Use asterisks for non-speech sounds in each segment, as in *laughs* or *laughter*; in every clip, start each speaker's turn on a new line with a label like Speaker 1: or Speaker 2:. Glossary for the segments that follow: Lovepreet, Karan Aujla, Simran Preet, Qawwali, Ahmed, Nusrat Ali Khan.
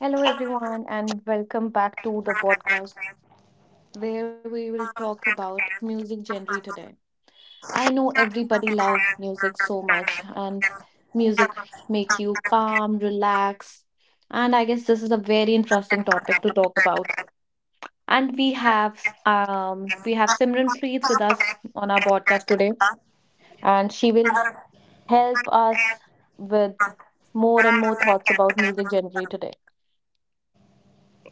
Speaker 1: Hello, everyone, and welcome back to the podcast where we will talk about music genre today. I know everybody love music so much, and music make you calm, relax, and I guess this is a very interesting topic to talk about. And we have Simran Preet with us on our podcast today, and she will help us with more and more thoughts about music genre today.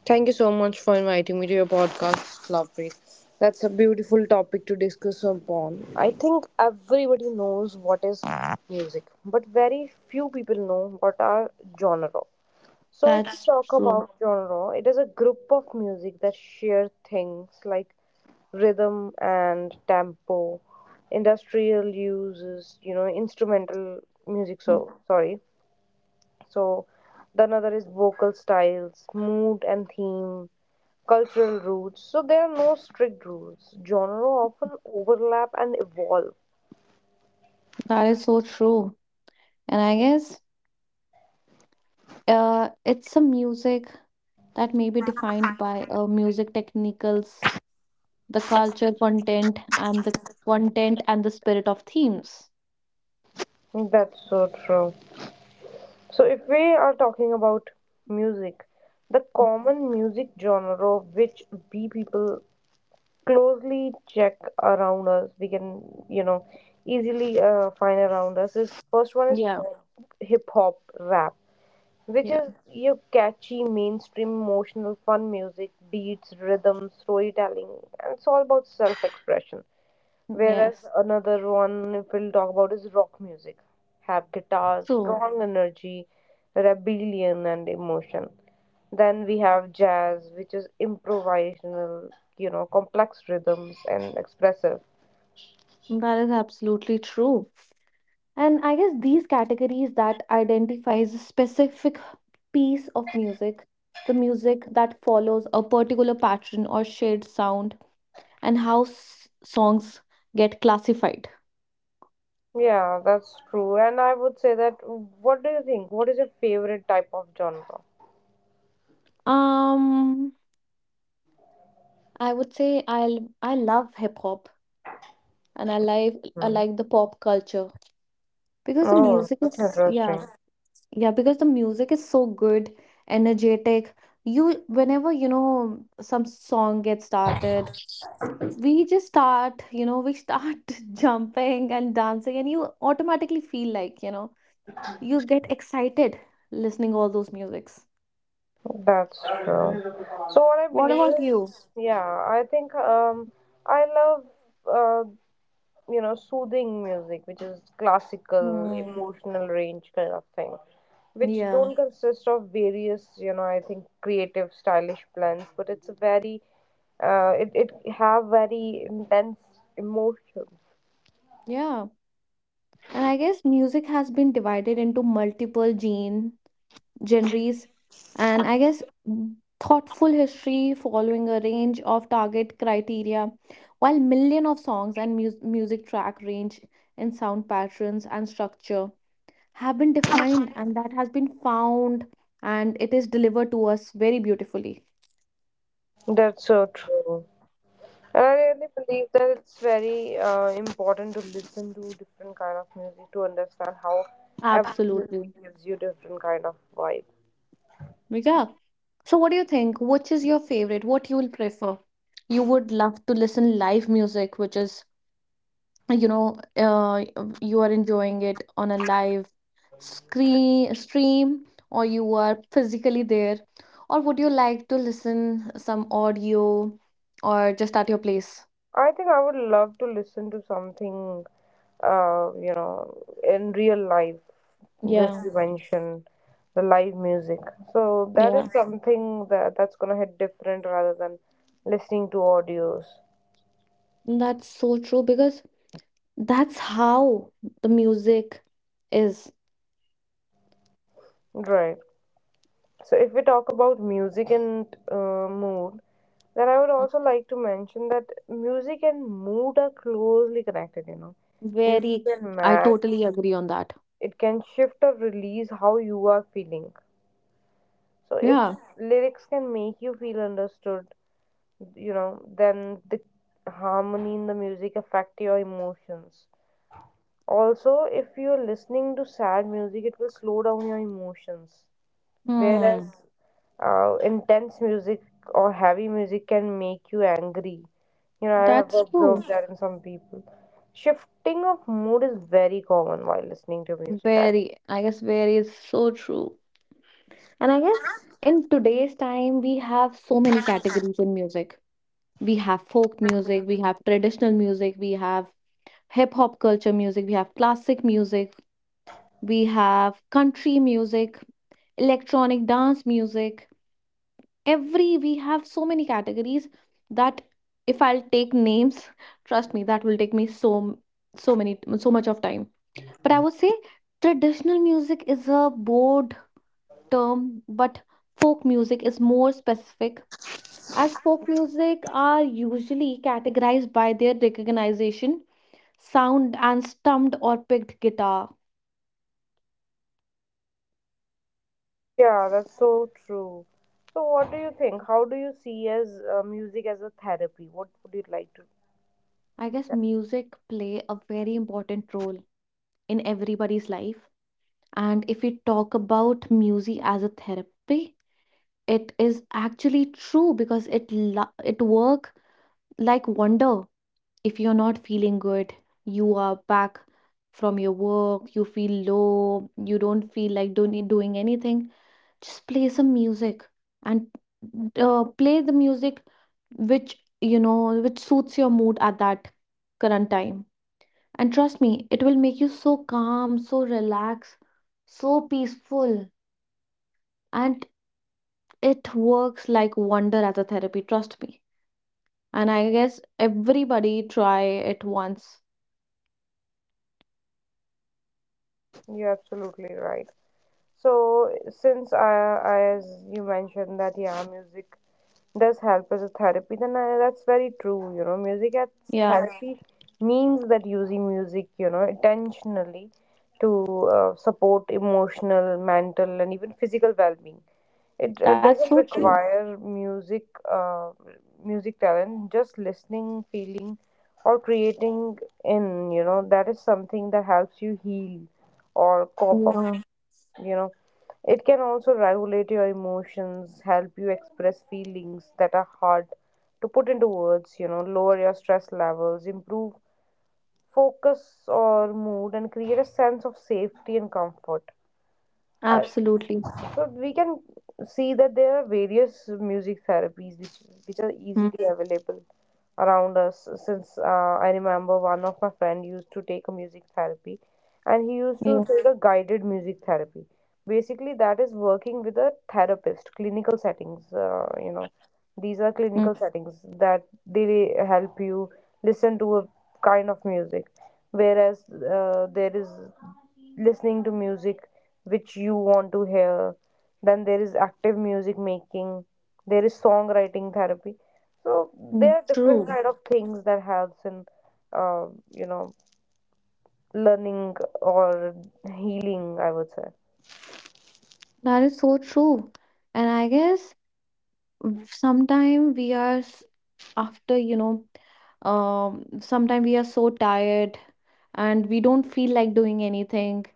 Speaker 2: Thank you so much for inviting me to your podcast, Lovepreet. That's a beautiful topic to discuss upon. I think everybody knows what is music, but very few people know what are genre. So if we
Speaker 1: That's
Speaker 2: talk
Speaker 1: true.
Speaker 2: about genre, it is a group of music that share things like rhythm and tempo, industrial uses, instrumental music so sorry, so the another is vocal styles, mood and theme, cultural roots. So there are no strict rules. Genre often overlap and evolve.
Speaker 1: That is so true. And I guess it's a music that may be defined by music technicals, the culture content and the spirit of themes.
Speaker 2: That's so true. So, if we are talking about music, the
Speaker 1: Mm,
Speaker 2: common music genre which we people closely check around us, we can, you know, easily find around us is first one is
Speaker 1: yeah,
Speaker 2: pop, hip hop, rap, which
Speaker 1: yeah.
Speaker 2: is your catchy, mainstream, emotional, fun music, beats, rhythm, storytelling, and it's all about self-expression. Whereas
Speaker 1: Yes,
Speaker 2: another one, if we'll talk about, is rock music, have guitars,
Speaker 1: true.
Speaker 2: strong energy, rebellion, and emotion. Then we have jazz, which is improvisational, complex rhythms and expressive.
Speaker 1: That is absolutely true. And I guess these categories that identifies a specific piece of music, the music that follows a particular pattern or shared sound, and how songs get classified.
Speaker 2: Yeah, that's true. And I would say that, what do you think? What is your favorite type of genre?
Speaker 1: Um, I would say I love hip hop and I like the pop culture because the
Speaker 2: Oh,
Speaker 1: music
Speaker 2: that's
Speaker 1: is yeah,
Speaker 2: interesting.
Speaker 1: yeah, because the music is so good, energetic. You whenever you know some song gets started, we just start, you know, we start *laughs* jumping and dancing, and you automatically feel like, you know, you get excited listening all those musics.
Speaker 2: That's true. So what I
Speaker 1: What
Speaker 2: believe
Speaker 1: about
Speaker 2: is,
Speaker 1: you?
Speaker 2: yeah, I think I love uh, you know, soothing music, which is classical,
Speaker 1: Hmm,
Speaker 2: emotional range kind of thing, which
Speaker 1: yeah,
Speaker 2: don't consist of various, you know, I think creative, stylish blends, but it's a very uh, it it have very intense emotion.
Speaker 1: yeah. And I guess music has been divided into multiple gene genres, and I guess thoughtful history following a range of target criteria, while million of songs and music track range in sound patterns and structure have been defined, and that has been found, and it is delivered to us very beautifully.
Speaker 2: That's so true. And I really believe that it's very important to listen to different kind of music to understand how every music
Speaker 1: Absolutely,
Speaker 2: gives you different kind of vibe.
Speaker 1: yeah. So, what do you think? Which is your favorite? What you will prefer? You would love to listen live music, which is, you know, you are enjoying it on a live screen stream, or you are physically there, or would you like to listen some audio or just at your place?
Speaker 2: I think I would love to listen to something, you know, in real life. Just
Speaker 1: Yeah,
Speaker 2: you mentioned the live music, so that is
Speaker 1: yeah,
Speaker 2: something that that's gonna hit different rather than listening to audios.
Speaker 1: that's so true because that's how the music is.
Speaker 2: Right. So, if we talk about music and mood, then I would
Speaker 1: Mhm.
Speaker 2: also like to mention that music and mood are closely connected, you know. Music
Speaker 1: Very.
Speaker 2: can
Speaker 1: I
Speaker 2: match,
Speaker 1: totally agree on that.
Speaker 2: it can shift or release how you are feeling. So, if
Speaker 1: Yeah.
Speaker 2: lyrics can make you feel understood, you know, then the harmony in the music affect your emotions. Also, if you're listening to sad music, it will slow down your emotions.
Speaker 1: Hmm.
Speaker 2: Whereas intense music or heavy music can make you angry. You know, I have
Speaker 1: That's true.
Speaker 2: observed that in some people. Shifting of mood is very common while listening to music.
Speaker 1: Very, I guess very is so true. And I guess in today's time, we have so many categories in music. We have folk music, we have traditional music, we have hip hop culture music, we have classic music, we have country music, electronic dance music. Every we have so many categories that if I'll take names, *laughs* trust me, that will take me so so many so much of time. But I would say traditional music is a broad term, but folk music is more specific as folk music are usually categorized by their recognition, sound, and stumped or picked guitar.
Speaker 2: Yeah, that's so true. So, what do you think? How do you see as music as a therapy? What would you like to?
Speaker 1: I guess music play a very important role in everybody's life. And if we talk about music as a therapy, it is actually true because it it work like wonder. If you're not feeling good, you are back from your work, you feel low, you don't feel like doing anything, just play some music and play the music which you know which suits your mood at that current time, and trust me, it will make you so calm, so relaxed, so peaceful, and it works like wonder as a therapy, trust me. And I guess everybody try it once.
Speaker 2: You're absolutely right. So since I as you mentioned that yeah, music does help as a therapy, then that's very true. You know, music as
Speaker 1: Yeah,
Speaker 2: therapy means that using music, you know, intentionally to support emotional, mental, and even physical well-being. It
Speaker 1: that's
Speaker 2: doesn't
Speaker 1: so true.
Speaker 2: require music, music talent. Just listening, feeling, or creating in, you know, that is something that helps you heal or cope up.
Speaker 1: Yeah,
Speaker 2: You know. It can also regulate your emotions, help you express feelings that are hard to put into words, you know, lower your stress levels, improve focus or mood, and create a sense of safety and comfort. I,
Speaker 1: absolutely.
Speaker 2: so we can see that there are various music therapies which are
Speaker 1: Mm,
Speaker 2: easily available around us, since I remember one of my friend used to take a music therapy, and he used to
Speaker 1: yeah.
Speaker 2: take a guided music therapy. Basically, that is working with a therapist clinical settings. You know, these are
Speaker 1: Mm,
Speaker 2: clinical settings, that they help you listen to a kind of music. Whereas there is listening to music which you want to hear, then there is active music making, there is songwriting therapy. So
Speaker 1: mm.
Speaker 2: there are different
Speaker 1: True.
Speaker 2: kind of things that helps in uh, you know, learning or healing, I would say.
Speaker 1: That is so true. And I guess sometimes we are after, you know, sometimes we are so tired and we don't feel like doing anything.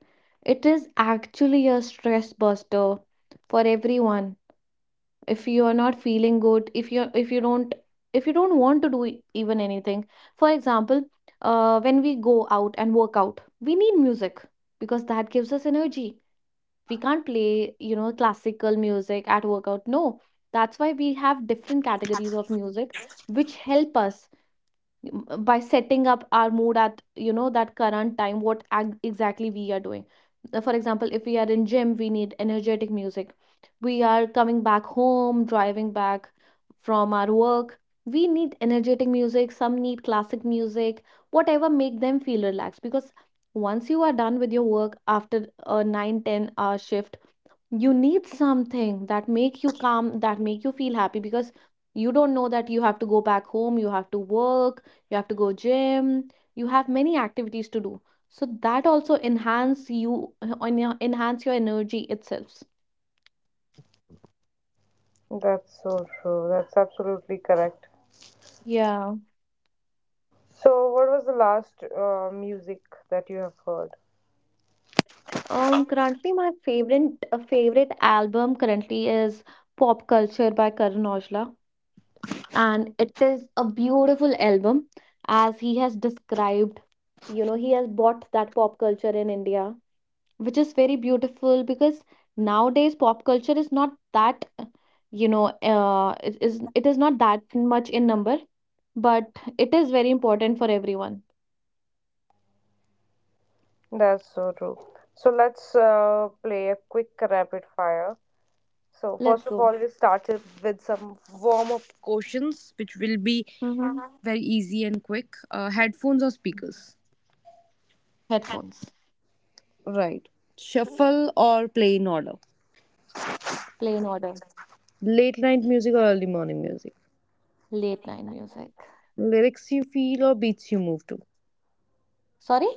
Speaker 1: It is actually a stress buster for everyone. If you are not feeling good, if you don't, if you don't want to do even anything, for example, when we go out and work out, we need music because that gives us energy. We can't play, you know, classical music at workout, no. That's why we have different categories of music which help us, by setting up our mood at, you know, that current time what exactly we are doing. For example, if we are in gym, we need energetic music. We are coming back home, driving back from our work, we need energetic music. Some need classic music, whatever make them feel relaxed, because once you are done with your work after a 9-10 hour shift, you need something that make you calm, that make you feel happy because you don't know that you have to go back home, you have to work, you have to go gym, you have many activities to do. So that also enhance you on your enhance your energy itself.
Speaker 2: That's so true, that's absolutely correct.
Speaker 1: Yeah.
Speaker 2: So what was the last music that you have heard?
Speaker 1: Currently my favorite favorite album currently is Pop Culture by Karan Aujla, and it is a beautiful album as he has described. You know, he has bought that pop culture in India, which is very beautiful because nowadays pop culture is not that, you know, it is, it is not that much in number, but it is very important for everyone.
Speaker 2: That's so true. So let's play a quick rapid fire. So
Speaker 1: Let's
Speaker 2: first of
Speaker 1: go.
Speaker 2: all, we'll start it with some warm-up questions, which will be
Speaker 1: Hmm.
Speaker 2: very easy and quick. Headphones or speakers?
Speaker 1: Headphones.
Speaker 2: Right. Shuffle or play in order?
Speaker 1: Play in order.
Speaker 2: Late night music or early morning music?
Speaker 1: Late night music.
Speaker 2: Lyrics you feel or beats you move to?
Speaker 1: Sorry.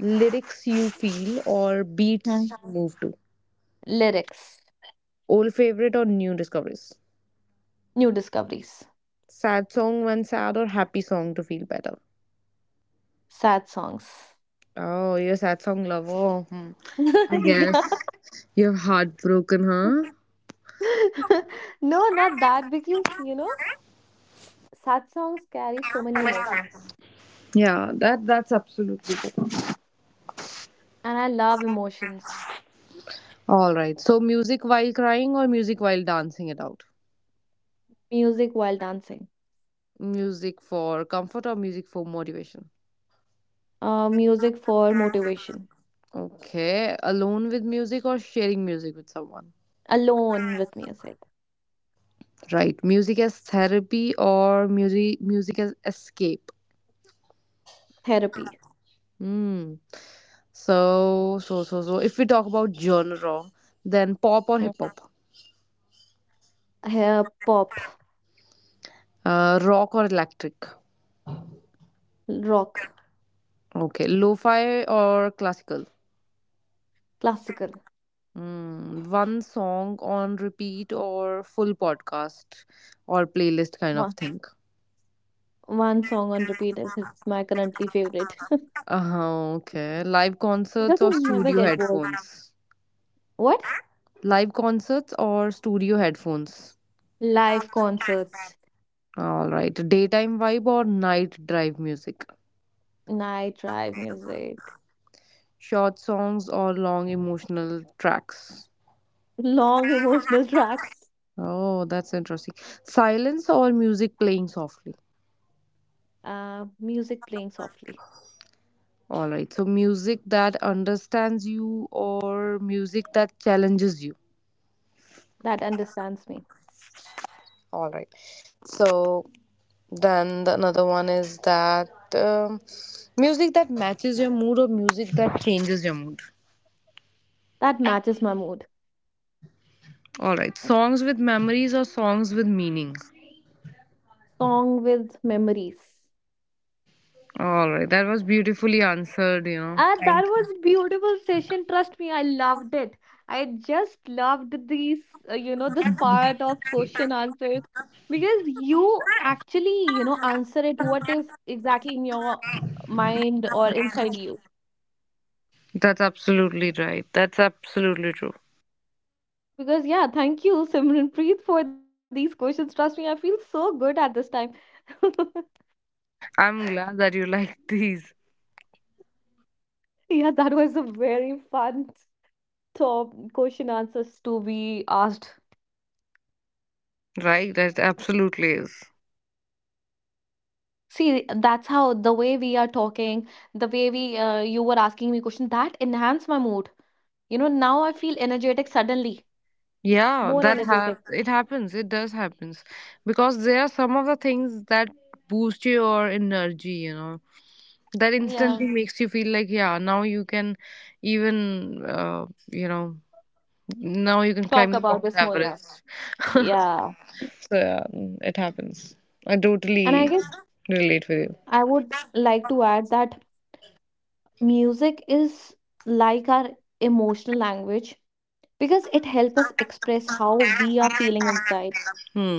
Speaker 2: Lyrics you feel or
Speaker 1: Hmm.
Speaker 2: beats you move to?
Speaker 1: Lyrics.
Speaker 2: Old favorite or new discoveries?
Speaker 1: New discoveries.
Speaker 2: Sad song when sad or happy song to feel better?
Speaker 1: Sad songs.
Speaker 2: Oh, you're a sad song lover. Hmm. I guess
Speaker 1: *laughs* Yeah.
Speaker 2: you're heartbroken, huh?
Speaker 1: *laughs* No, not that because, you know, sad songs carry so many emotions
Speaker 2: Yeah, that that's absolutely good.
Speaker 1: and I love emotions.
Speaker 2: All right. So music while crying or music while dancing it out?
Speaker 1: Music while dancing.
Speaker 2: Music for comfort or music for motivation?
Speaker 1: Music for motivation.
Speaker 2: Okay. Alone with music or sharing music with someone?
Speaker 1: Alone with music.
Speaker 2: Right. Music as therapy or music as escape?
Speaker 1: Therapy.
Speaker 2: Hmm. So if we talk about genre, then pop or
Speaker 1: Mm.
Speaker 2: hip hop?
Speaker 1: Hair pop,
Speaker 2: Rock or electric?
Speaker 1: rock,
Speaker 2: Okay. Lo-fi or classical?
Speaker 1: classical.
Speaker 2: Mm, one song on repeat or full podcast or playlist kind of
Speaker 1: One,
Speaker 2: thing.
Speaker 1: One song on repeat. And it's my currently favorite
Speaker 2: Okay. Live
Speaker 1: *laughs* because
Speaker 2: concerts or
Speaker 1: you never
Speaker 2: studio
Speaker 1: get bored.
Speaker 2: headphones?
Speaker 1: What?
Speaker 2: Live concerts or studio headphones?
Speaker 1: Live concerts,
Speaker 2: All right. Daytime vibe or night drive music?
Speaker 1: night drive music,
Speaker 2: Short songs or long emotional tracks?
Speaker 1: long emotional *laughs* tracks.
Speaker 2: Oh, that's interesting. Silence or music playing softly?
Speaker 1: Music playing softly,
Speaker 2: All right. So, music that understands you or music that challenges you?
Speaker 1: that understands me,
Speaker 2: All right. So then the another one is that um, music that matches your mood or music that changes your mood.
Speaker 1: that matches my mood.
Speaker 2: All right. Songs with memories or songs with meaning.
Speaker 1: Song with memories.
Speaker 2: All right. That was beautifully answered, you know.
Speaker 1: That
Speaker 2: Thank
Speaker 1: was beautiful session. Trust me, I loved it. I just loved these, you know, this part of question answers because you actually, you know, answer it what is exactly in your mind or inside you.
Speaker 2: you. That's absolutely right. That's absolutely true.
Speaker 1: Because yeah, thank you, Simranpreet, for these questions. Trust me, I feel so good at this time. *laughs*
Speaker 2: I'm glad that you *laughs* like these.
Speaker 1: Yeah, that was a very fun top question answers to be asked.
Speaker 2: Right? That absolutely is.
Speaker 1: See, that's how the way we are talking, the way we, you were asking me question that enhance my mood. You know, now I feel energetic suddenly,
Speaker 2: Yeah,
Speaker 1: more
Speaker 2: that
Speaker 1: energetic.
Speaker 2: it happens. It does happens, because there are some of the things that boost your energy, you know, that
Speaker 1: Yeah.
Speaker 2: instantly makes you feel like yeah, now you can even you know, now you can climb
Speaker 1: Talk
Speaker 2: the
Speaker 1: about
Speaker 2: Mount
Speaker 1: this more, yeah.
Speaker 2: Everest
Speaker 1: Yeah.
Speaker 2: *laughs* so yeah, it happens. I totally
Speaker 1: And I guess
Speaker 2: relate with you.
Speaker 1: I would like to add that music is like our emotional language because it helps us express how we are feeling inside.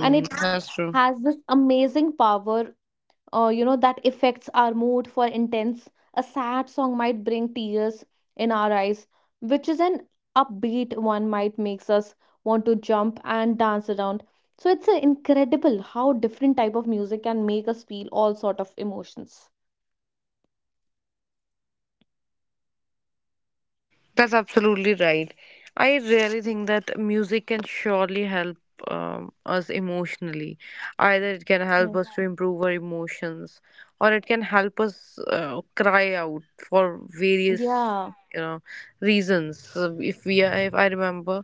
Speaker 1: And it
Speaker 2: that's true.
Speaker 1: has this amazing power, you know, that affects our mood for intense. A sad song might bring tears in our eyes, which is an upbeat one might makes us want to jump and dance around. So it's incredible how different type of music can make us feel all sort of emotions.
Speaker 2: That's absolutely right. I really think that music can surely help us emotionally. Either it can help
Speaker 1: Yeah,
Speaker 2: us to improve our emotions, or it can help us cry out for various,
Speaker 1: yeah.
Speaker 2: you know, reasons. So if if I remember,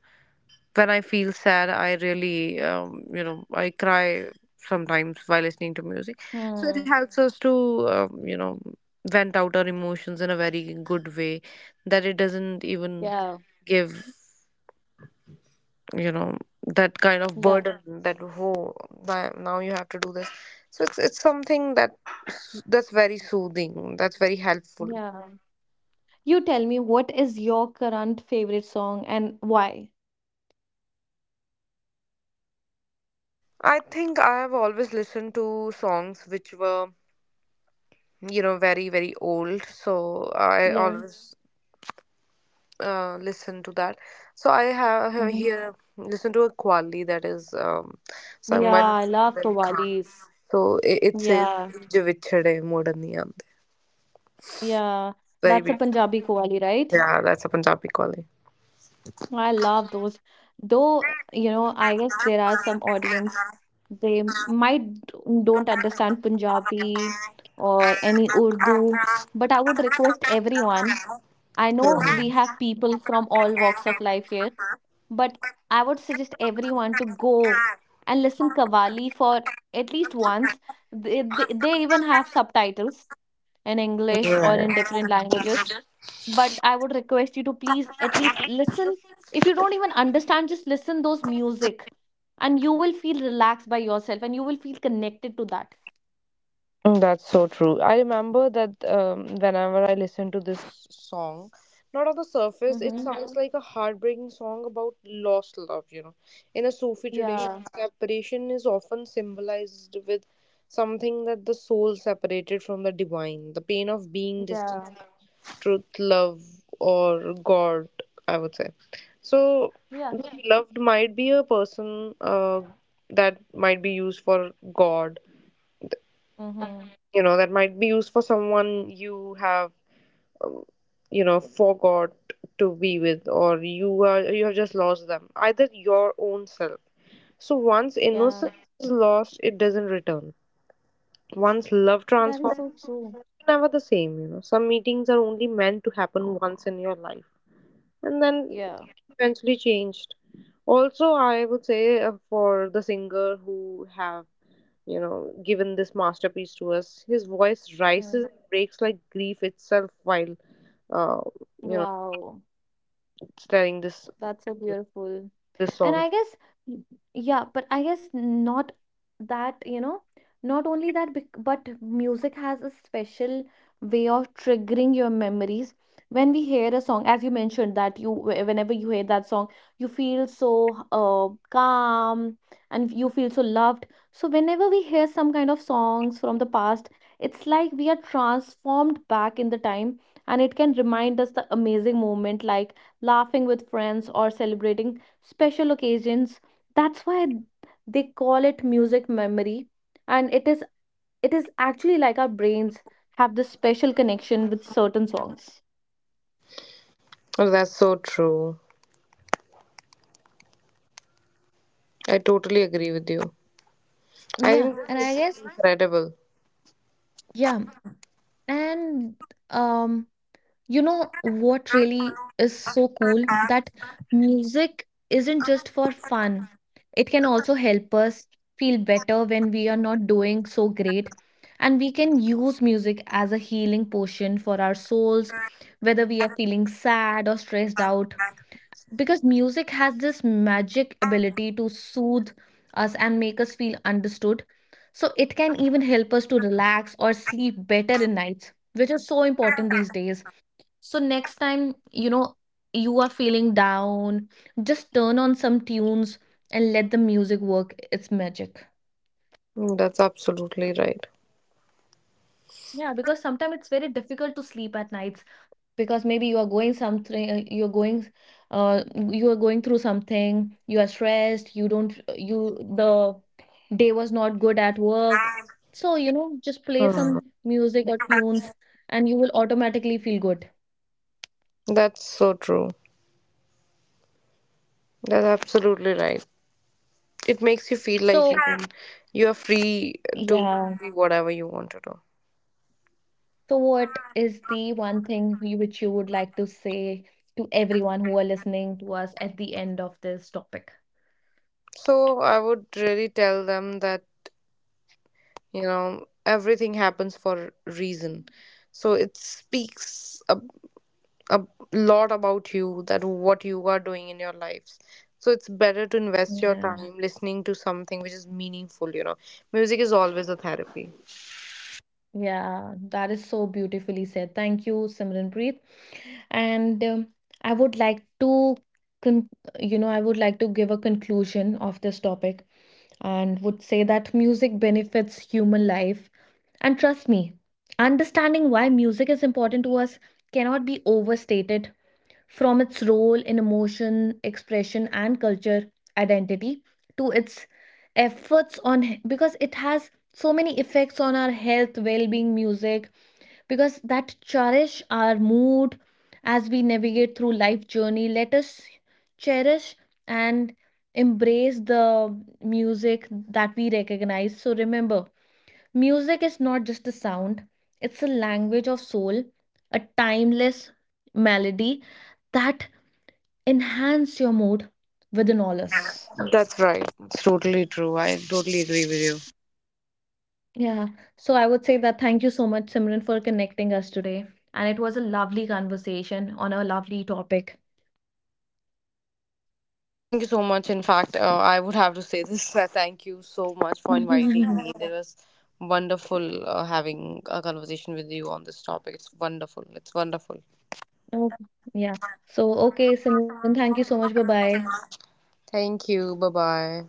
Speaker 2: when I feel sad, I really, you know, I cry sometimes while listening to music. So it
Speaker 1: Hmm.
Speaker 2: helps us to, you know, vent out our emotions in a very good way, that it doesn't even
Speaker 1: Yeah,
Speaker 2: give, you know, that kind of
Speaker 1: yeah,
Speaker 2: burden that, oh, now you have to do this. So it's something that that's very soothing, that's very helpful.
Speaker 1: yeah. You tell me, what is your current favorite song and why?
Speaker 2: I think I have always listened to songs which were, you know, very, very old. So I
Speaker 1: Yeah.
Speaker 2: always listen to that. So I have
Speaker 1: mm-hmm.
Speaker 2: here listen to a Qawwali that is sung by
Speaker 1: Yeah, I love
Speaker 2: Nusrat Ali Khan.
Speaker 1: kawalis.
Speaker 2: So it says
Speaker 1: Yeah.
Speaker 2: "जो विछड़े मुड़न नहीं आंदे."
Speaker 1: Yeah,
Speaker 2: Very
Speaker 1: that's a
Speaker 2: beautiful.
Speaker 1: Punjabi qawwali, right?
Speaker 2: Yeah, that's a Punjabi Qawwali.
Speaker 1: I love those. Though, you know, I guess there are some audience, they might don't understand Punjabi or any Urdu, but I would request everyone. I know we
Speaker 2: Mhm.
Speaker 1: have people from all walks of life here, but I would suggest everyone to go and listen Qawwali for at least once. They even have subtitles in English or
Speaker 2: Right.
Speaker 1: in different languages, but I would request you to please at least listen. If you don't even understand, just listen those music and you will feel relaxed by yourself and you will feel connected to that.
Speaker 2: Mm, that's so true. I remember that whenever I listen to this song, not on the surface, it
Speaker 1: Mm-hmm.
Speaker 2: sounds like a heartbreaking song about lost love, you know. In a Sufi tradition,
Speaker 1: Yeah,
Speaker 2: Separation is often symbolized with something that the soul separated from the divine, the pain of being distant
Speaker 1: yeah,
Speaker 2: from Mhm. truth, love, or God, I would say. So,
Speaker 1: yeah.
Speaker 2: the beloved might be a person uh, that might be used for God,
Speaker 1: mm-hmm.
Speaker 2: you know, that might be used for someone you have, you know, forgot to be with, or you are, you have just lost them, either your own self. So once
Speaker 1: Yeah,
Speaker 2: innocence is lost, it doesn't return. Once love
Speaker 1: that is
Speaker 2: transforms,
Speaker 1: so true.
Speaker 2: it's never the same, you know. Some meetings are only meant to happen once in your life, and then
Speaker 1: Yeah.
Speaker 2: eventually changed. Also, I would say, for the singer who have, you know, given this masterpiece to us, his voice rises
Speaker 1: Mm.
Speaker 2: and breaks like grief itself, while uh, you know,
Speaker 1: Wow.
Speaker 2: studying
Speaker 1: That's so beautiful.
Speaker 2: this
Speaker 1: And
Speaker 2: song.
Speaker 1: I guess, y- yeah, but I guess not that, you know, not only that, but music has a special way of triggering your memories. When we hear a song, as you mentioned, that you, whenever you hear that song, you feel so calm and you feel so loved. So, whenever we hear some kind of songs from the past, it's like we are transformed back in the time, and it can remind us the amazing moment like laughing with friends, or celebrating special occasions. That's why they call it music memory. And it is, it is actually like our brains have this special connection with certain songs.
Speaker 2: Oh, that's so true. I totally agree with you. I
Speaker 1: Yeah,
Speaker 2: think
Speaker 1: and I
Speaker 2: this is
Speaker 1: guess
Speaker 2: incredible.
Speaker 1: yeah, and um you know what really is so cool? That music isn't just for fun. It can also help us feel better when we are not doing so great. And we can use music as a healing potion for our souls, whether we are feeling sad or stressed out. Because music has this magic ability to soothe us and make us feel understood. So it can even help us to relax or sleep better in nights, which is so important these days. So next time, you know, you are feeling down, just turn on some tunes and let the music work its magic.
Speaker 2: Mm, that's absolutely right.
Speaker 1: Yeah, because sometimes it's very difficult to sleep at nights because maybe you are going something, you're going, you are going through something, you are stressed, you don't, you, the day was not good at work. So, you know, just play
Speaker 2: Mm.
Speaker 1: some music or tunes and you will automatically feel good.
Speaker 2: That's so true. That's absolutely right. It makes you feel like you
Speaker 1: So,
Speaker 2: can, you are free to
Speaker 1: yeah.
Speaker 2: be whatever you want to do.
Speaker 1: So, what is the one thing you, which you would like to say to everyone who are listening to us at the end of this topic?
Speaker 2: So I would really tell them that, you know, everything happens for a reason. So it speaks. A lot about you, that what you are doing in your lives. So it's better to invest your
Speaker 1: Yeah,
Speaker 2: time listening to something which is meaningful, you know. Music is always a therapy.
Speaker 1: yeah, that is so beautifully said. Thank you, Simranpreet. And I would like to, con- you know, I would like to give a conclusion of this topic and would say that music benefits human life. And trust me, understanding why music is important to us cannot be overstated, from its role in emotion, expression, and culture identity to its efforts on because it has so many effects on our health, well being, music, because that cherish our mood as we navigate through life journey. Let us cherish and embrace the music that we recognize. So remember, music is not just a sound, it's a language of soul, a timeless melody that enhance your mood with the knowledge.
Speaker 2: That's right, it's totally true. I totally agree with you.
Speaker 1: Yeah. So I would say that thank you so much, Simran, for connecting us today. And it was a lovely conversation on a lovely topic.
Speaker 2: Thank you so much. In fact, I would have to say this *laughs* thank you so much
Speaker 1: *laughs*
Speaker 2: for inviting
Speaker 1: Oh,
Speaker 2: me, it was wonderful having a conversation with you on this topic. It's wonderful, it's wonderful.
Speaker 1: yeah. So, okay, Simran, thank you so much. Bye bye.
Speaker 2: Thank you, bye bye.